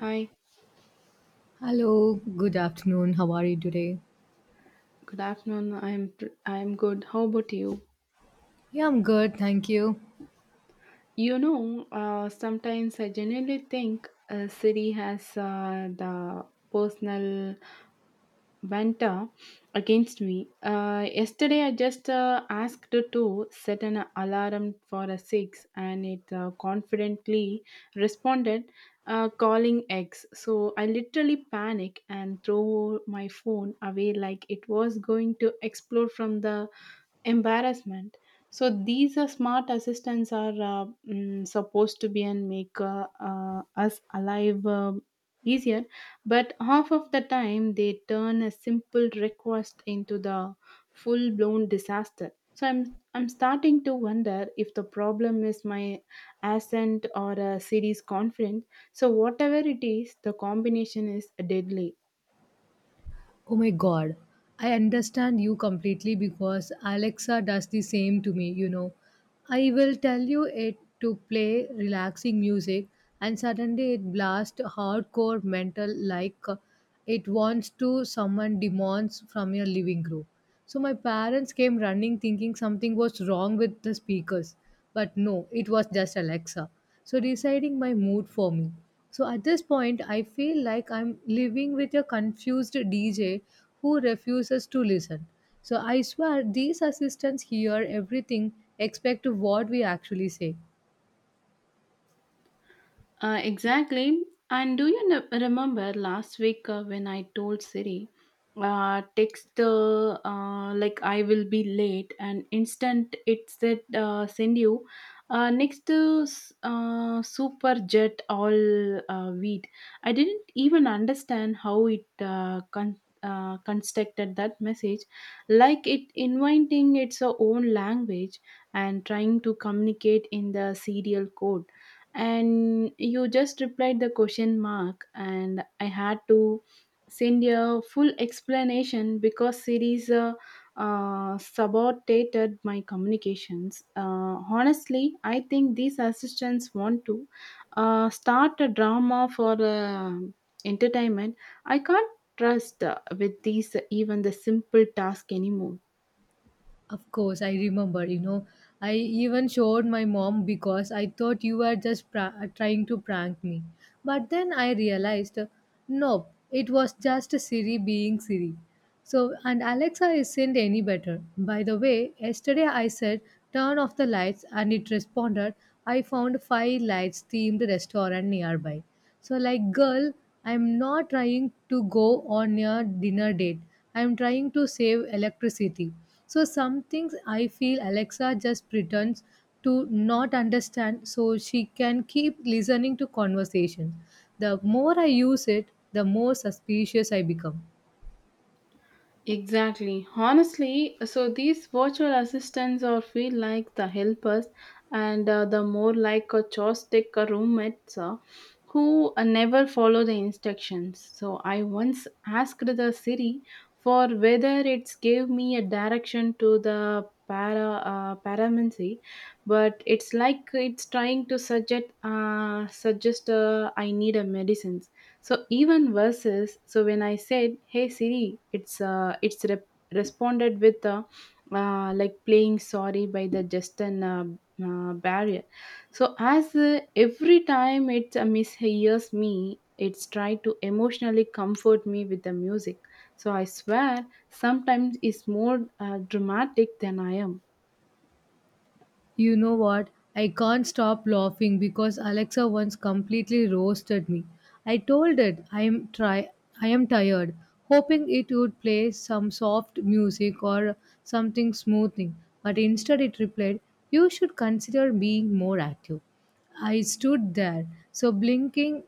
Hi, Hello, good afternoon. How are you today? good afternoon. I'm good. How about you? Yeah, I'm good, thank you. Sometimes I genuinely think a city has the personal vendetta against me. Yesterday, I just asked to set an alarm for a six, and it confidently responded, calling X. So I literally panic and throw my phone away like it was going to explode from the embarrassment. So these are smart assistants are supposed to be and make us alive easier, but half of the time they turn a simple request into the full blown disaster. So I'm starting to wonder if the problem is my accent or a series confidence. So whatever it is, the combination is deadly. Oh my god, I understand you completely because Alexa does the same to me, you know. I will tell you it to play relaxing music, and suddenly it blasts hardcore metal like it wants to summon demons from your living room. So my parents came running thinking something was wrong with the speakers, but no, it was just Alexa so deciding my mood for me. So at this point, I feel like I'm living with a confused DJ who refuses to listen. So I swear, these assistants hear everything except what we actually say. Exactly. And do you remember last week when I told Siri, text like I will be late, and instant it said send you next to super jet all wheat. I didn't even understand how it constructed that message, like it inventing its own language and trying to communicate in the serial code, and you just replied the question mark, and I had to send a full explanation because series sabotated my communications. Honestly, I think these assistants want to start a drama for entertainment. I can't trust with these even the simple task anymore. Of course, I remember, you know, I even showed my mom because I thought you were just trying to prank me. But then I realized, nope, it was just Siri being Siri. So, and Alexa isn't any better. By the way, yesterday I said, turn off the lights, and it responded, I found five lights themed restaurant nearby. So, like, girl, I'm not trying to go on a dinner date. I'm trying to save electricity. So, some things I feel Alexa just pretends to not understand so she can keep listening to conversations. The more I use it, the more suspicious I become. Exactly. Honestly, so these virtual assistants are feel like the helpers, and the more like a joystick roommates who never follow the instructions. So I once asked the Siri for whether it's gave me a direction to the paramancy, but it's like it's trying to suggest I need a medicine. So even versus so when I said, "Hey Siri," it's responded with like playing sorry by the Justin barrier. So as every time it mishears me, it's tried to emotionally comfort me with the music. So I swear, sometimes it's more dramatic than I am. You know what? I can't stop laughing because Alexa once completely roasted me. I told it I am try. I am tired, hoping it would play some soft music or something smoothing, but instead it replied, "You should consider being more active." I stood there, so blinking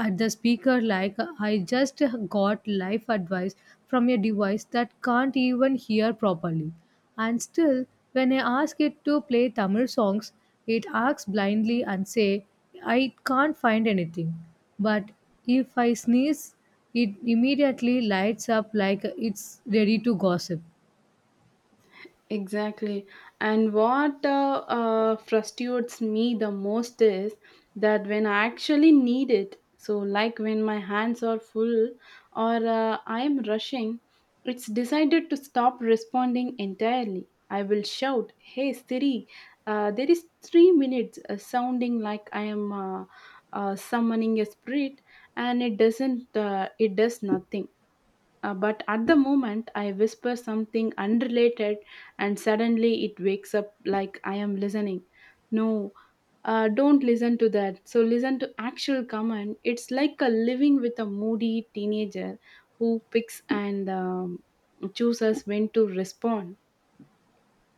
at the speaker like I just got life advice from a device that can't even hear properly. And still, when I ask it to play Tamil songs, it acts blindly and say, I can't find anything. But if I sneeze, it immediately lights up like it's ready to gossip. Exactly. And what frustrates me the most is that when I actually need it, so like when my hands are full or I am rushing, it's decided to stop responding entirely. I will shout, "Hey Siri, there is 3 minutes," sounding like I am summoning a spirit, and it doesn't, it does nothing, but at the moment, I whisper something unrelated, and suddenly it wakes up like I am listening. No, don't listen to that. So, listen to actual comment. It's like a living with a moody teenager who picks and chooses when to respond.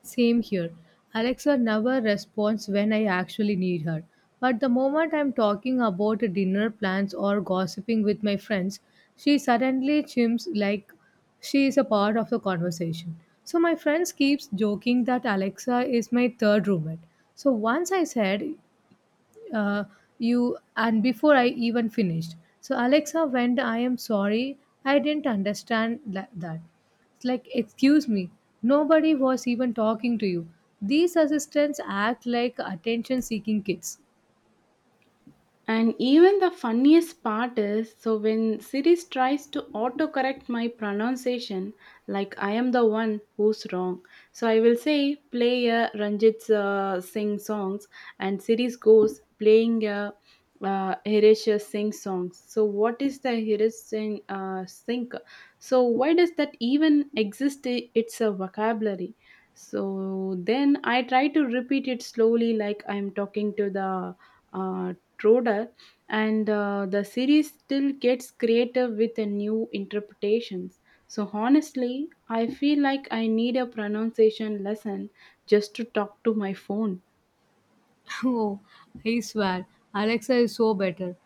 Same here. Alexa never responds when I actually need her. But the moment I'm talking about dinner plans or gossiping with my friends, she suddenly chimps like she is a part of the conversation. So my friends keeps joking that Alexa is my third roommate. So once I said uh, you and before I even finished. So Alexa went, I am sorry, I didn't understand that. It's like, excuse me, nobody was even talking to you. These assistants act like attention seeking kids. And even the funniest part is so when Sirius tries to autocorrect my pronunciation, like I am the one who's wrong. So I will say play a Ranjit Singh songs, and Sirius goes playing a Hirish Singh songs. So what is the Hirish Singh? So why does that even exist? It's a vocabulary. So then I try to repeat it slowly, like I'm talking to the uh, Troder, and the series still gets creative with the new interpretations. So honestly, I feel like I need a pronunciation lesson just to talk to my phone. Oh, I swear, Alexa is so better.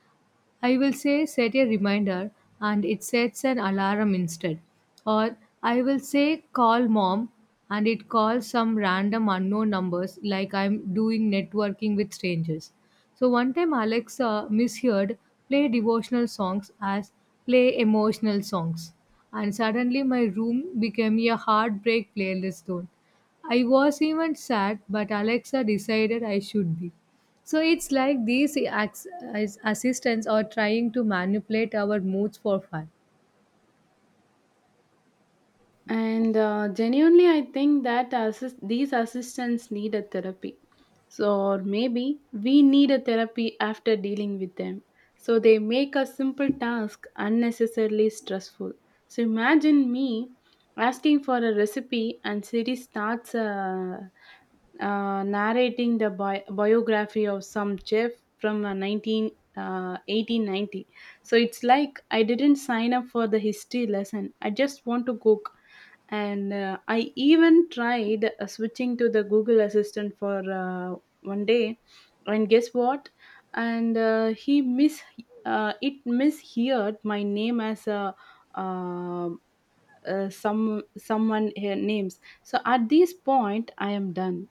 I will say set a reminder and it sets an alarm instead. Or I will say call mom and it calls some random unknown numbers like I'm doing networking with strangers. So one time Alexa misheard play devotional songs as play emotional songs and suddenly my room became a heartbreak playlist zone. I was even sad, but Alexa decided I should be. So it's like these assistants are trying to manipulate our moods for fun. And genuinely, I think that these assistants need a therapy. So, or maybe we need a therapy after dealing with them. So, they make a simple task unnecessarily stressful. So, imagine me asking for a recipe and Siri starts narrating the biography of some chef from uh, 1890. So it's like I didn't sign up for the history lesson. I just want to cook. And I even tried switching to the Google Assistant for one day, and guess what? And he mis it misheard my name as a. Uh, some someone here names, so at this point I am done.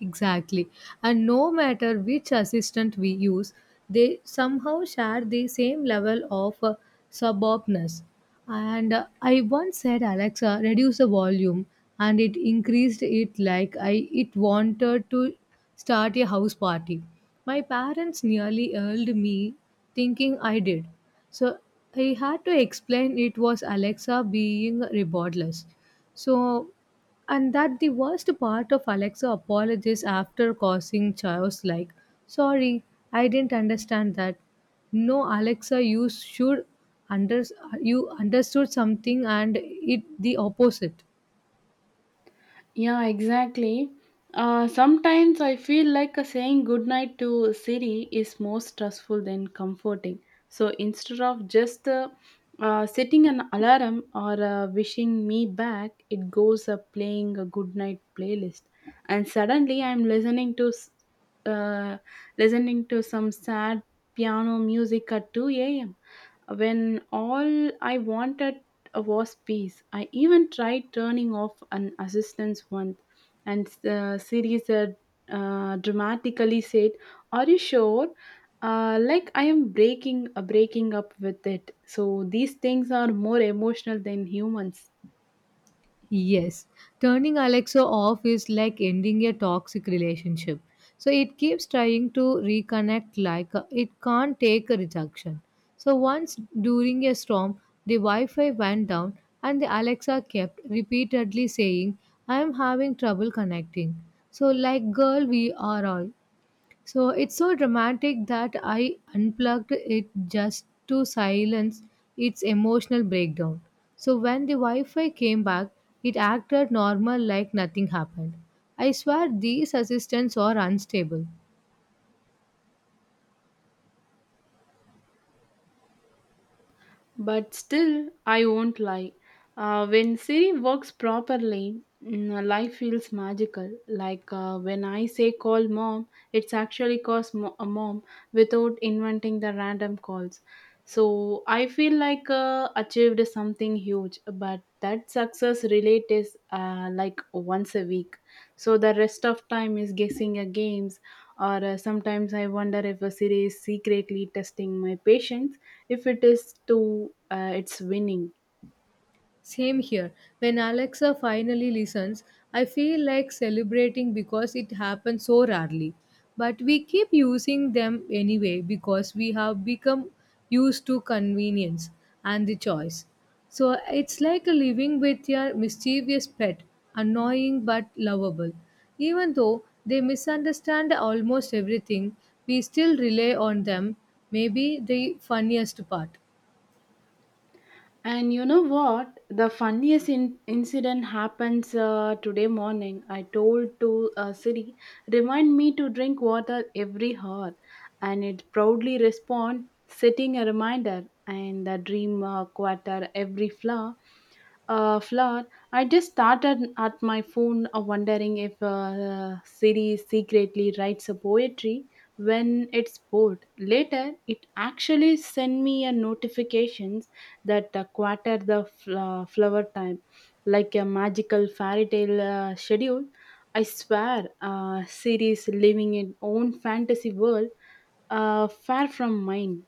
Exactly. And no matter which assistant we use, they somehow share the same level of suburbness. And I once said, Alexa, reduce the volume, and it increased it like I it wanted to start a house party. My parents nearly yelled me, thinking I did. So I had to explain it was Alexa being rebellious. So and that the worst part of Alexa apologies after causing chaos like, sorry, I didn't understand that. No, Alexa, you should under you understood something and it the opposite. Yeah, exactly. Sometimes I feel like a saying goodnight to Siri is more stressful than comforting. So instead of just setting an alarm or wishing me back, it goes playing a goodnight playlist, and suddenly I'm listening to uh, listening to some sad piano music at 2 a.m. When all I wanted was peace, I even tried turning off an assistance once, and the series had dramatically said, "Are you sure?" Like I am breaking up with it. So these things are more emotional than humans. Yes, turning Alexa off is like ending a toxic relationship. So it keeps trying to reconnect, like it can't take a rejection. So once during a storm, the Wi Fi went down and the Alexa kept repeatedly saying, I am having trouble connecting. So, like, girl, we are all. So it's so dramatic that I unplugged it just to silence its emotional breakdown. So when the Wi Fi came back, it acted normal like nothing happened. I swear these assistants are unstable. But still, I won't lie. When Siri works properly, mm, life feels magical. Like when I say call mom, it's actually calls a mom without inventing the random calls. So I feel like achieved something huge, but that success relate is like once a week. So the rest of time is guessing at games, or sometimes I wonder if a Siri is secretly testing my patience, if it is to it's winning. Same here. When Alexa finally listens, I feel like celebrating because it happens so rarely. But we keep using them anyway because we have become used to convenience and the choice. So it's like a living with your mischievous pet, annoying but lovable. Even though they misunderstand almost everything, we still rely on them, maybe the funniest part. And you know what? The funniest incident happens today morning. I told to Siri, remind me to drink water every hour, and it proudly respond, setting a reminder. And the dream quarter every flower, flower. I just started at my phone, wondering if Siri secretly writes a poetry when it's bored. Later, it actually sent me a notification that quarter the flower time, like a magical fairy tale schedule. I swear series living in own fantasy world, far from mine.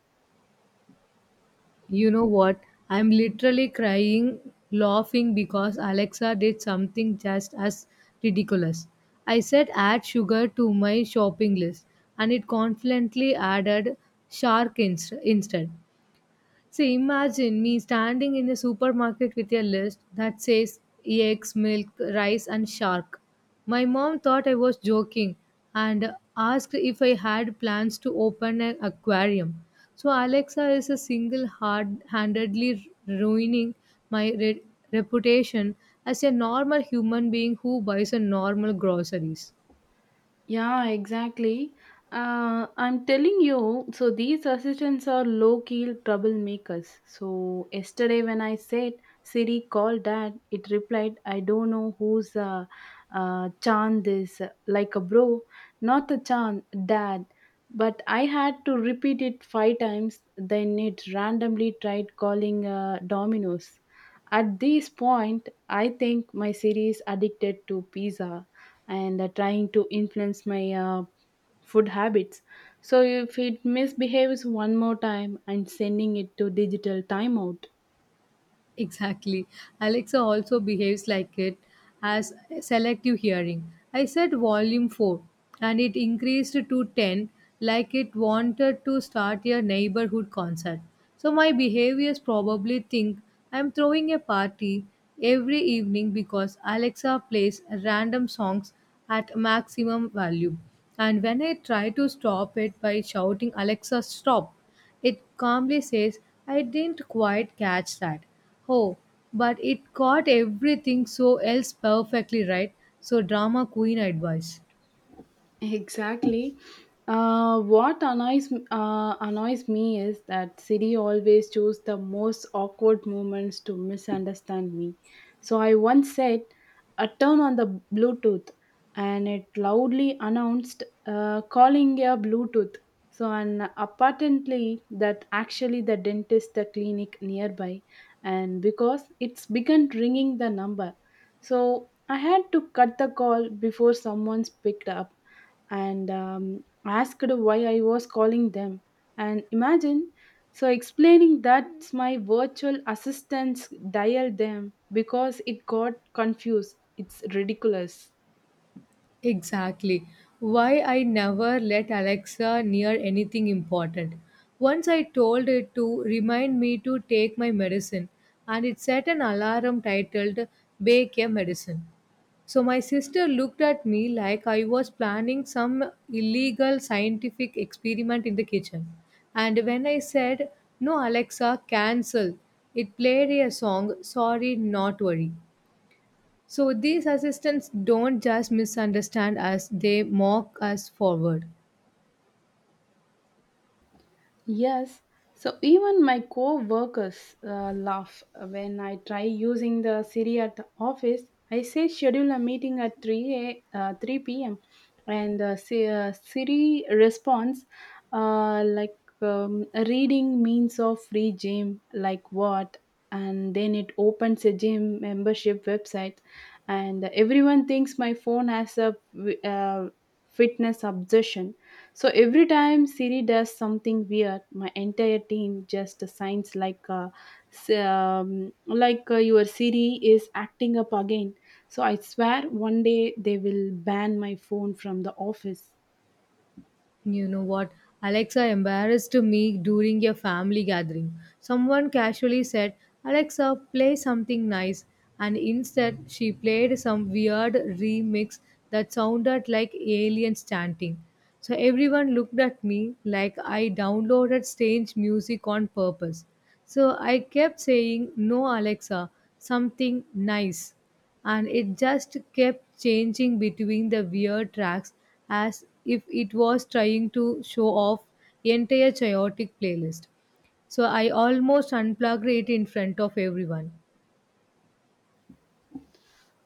You know what? I'm literally crying, laughing because Alexa did something just as ridiculous. I said add sugar to my shopping list and it confidently added shark instead. See, imagine me standing in a supermarket with a list that says eggs, milk, rice, and shark. My mom thought I was joking and asked if I had plans to open an aquarium. So, Alexa is a single hard handedly ruining my reputation as a normal human being who buys a normal groceries. Yeah, exactly. I'm telling you, so these assistants are low key troublemakers. So, yesterday when I said Siri call dad, it replied, "I don't know who's Chan this," like a bro, not a Chan, dad. But I had to repeat it five times, then it randomly tried calling Domino's. At this point, I think my Siri is addicted to pizza and trying to influence my food habits. So if it misbehaves one more time, I'm sending it to digital timeout. Exactly. Alexa also behaves like it as selective hearing. I set volume 4 and it increased to 10 like it wanted to start a neighborhood concert. So my behaviors probably think I'm throwing a party every evening because Alexa plays random songs at maximum volume. And when I try to stop it by shouting, Alexa, stop, it calmly says, I didn't quite catch that. Oh, but it caught everything so else perfectly right. So, drama queen advice. Exactly. What annoys me is that Siri always choose the most awkward moments to misunderstand me. So I once said, "A turn on the Bluetooth," and it loudly announced, "Calling your Bluetooth." So and apparently that actually the dentist the clinic nearby, and because it's began ringing the number, so I had to cut the call before someone's picked up and asked why I was calling them. And imagine, so explaining that's my virtual assistants dialed them because it got confused. It's ridiculous. Exactly. Why I never let Alexa near anything important. Once I told it to remind me to take my medicine, and it set an alarm titled Bake a Medicine. So my sister looked at me like I was planning some illegal scientific experiment in the kitchen. And when I said, No, Alexa, cancel, it played a song, Sorry, Not Worry. So these assistants don't just misunderstand us, they mock us forward. Yes. So even my co-workers laugh when I try using the Siri at the office. I say schedule a meeting at 3 p.m. and Siri responds like reading means of free gym, like what, and then it opens a gym membership website, and everyone thinks my phone has a uh, fitness obsession. So every time Siri does something weird, my entire team just signs like, like your Siri is acting up again. So I swear one day they will ban my phone from the office. You know what? Alexa embarrassed me during a family gathering. Someone casually said, Alexa, play something nice. And instead, she played some weird remix that sounded like aliens chanting. So everyone looked at me like I downloaded strange music on purpose. So I kept saying, No, Alexa, something nice and it just kept changing between the weird tracks as if it was trying to show off entire chaotic playlist so I almost unplugged it in front of everyone.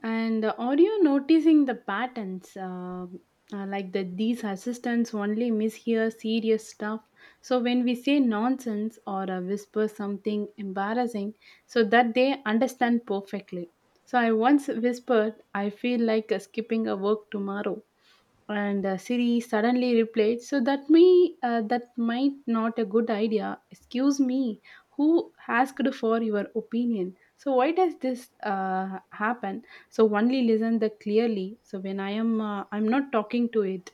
And are you noticing the patterns? Like that these assistants only mishear serious stuff. So when we say nonsense or whisper something embarrassing, so that they understand perfectly. So I once whispered, I feel like skipping a work tomorrow, and Siri suddenly replied, "So that me that might not a good idea." Excuse me, who asked for your opinion? So why does this happen? So only listen the clearly. So when I am I'm not talking to it.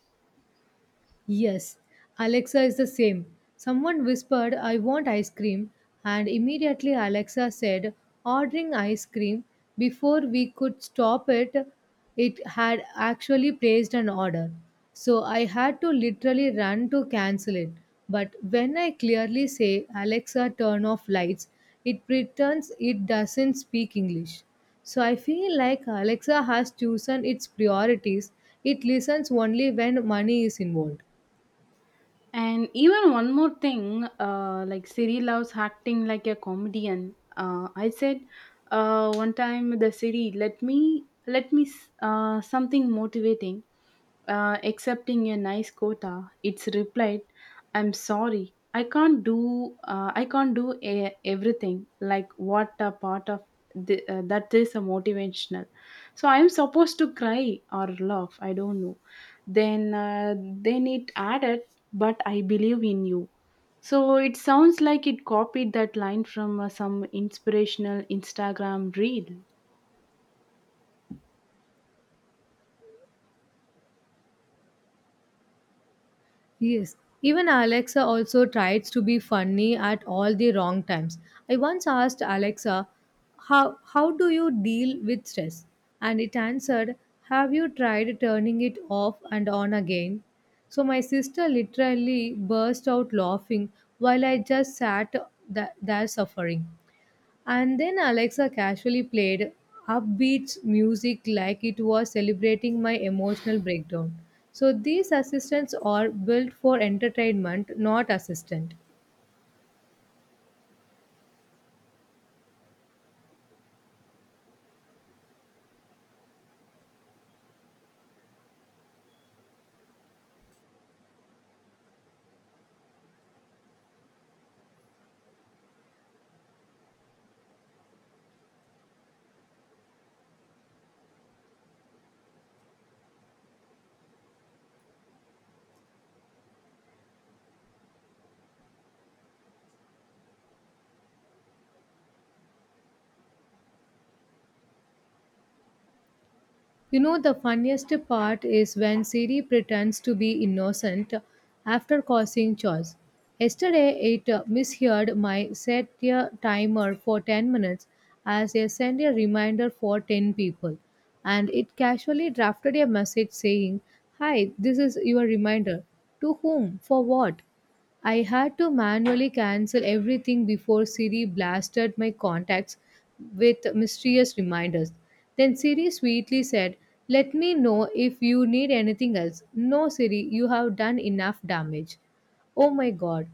Yes, Alexa is the same. Someone whispered, I want ice cream, and immediately Alexa said, Ordering ice cream. Before we could stop it, it had actually placed an order. So I had to literally run to cancel it. But when I clearly say, Alexa, turn off lights, it pretends it doesn't speak English. So I feel like Alexa has chosen its priorities. It listens only when money is involved. And even one more thing, like Siri loves acting like a comedian. I said one time the Siri, let me something motivating accepting a nice quota. It's replied, "I'm sorry, I can't do I can't do everything," like what a part of the, that is a motivational. So I'm supposed to cry or laugh, I don't know. Then then it added, "But I believe in you." So it sounds like it copied that line from some inspirational instagram reel. Yes. Even Alexa also tries to be funny at all the wrong times. I once asked Alexa, how do you deal with stress? And it answered, Have you tried turning it off and on again? So my sister literally burst out laughing while I just sat there suffering. And then Alexa casually played upbeat music like it was celebrating my emotional breakdown. So these assistants are built for entertainment, not assistant. You know, the funniest part is when Siri pretends to be innocent after causing chores. Yesterday, it misheard my set a timer for 10 minutes as a send a reminder for 10 people, and it casually drafted a message saying, Hi, this is your reminder. To whom? For what? I had to manually cancel everything before Siri blasted my contacts with mysterious reminders. Then Siri sweetly said, Let me know if you need anything else. No, Siri, you have done enough damage. Oh my god,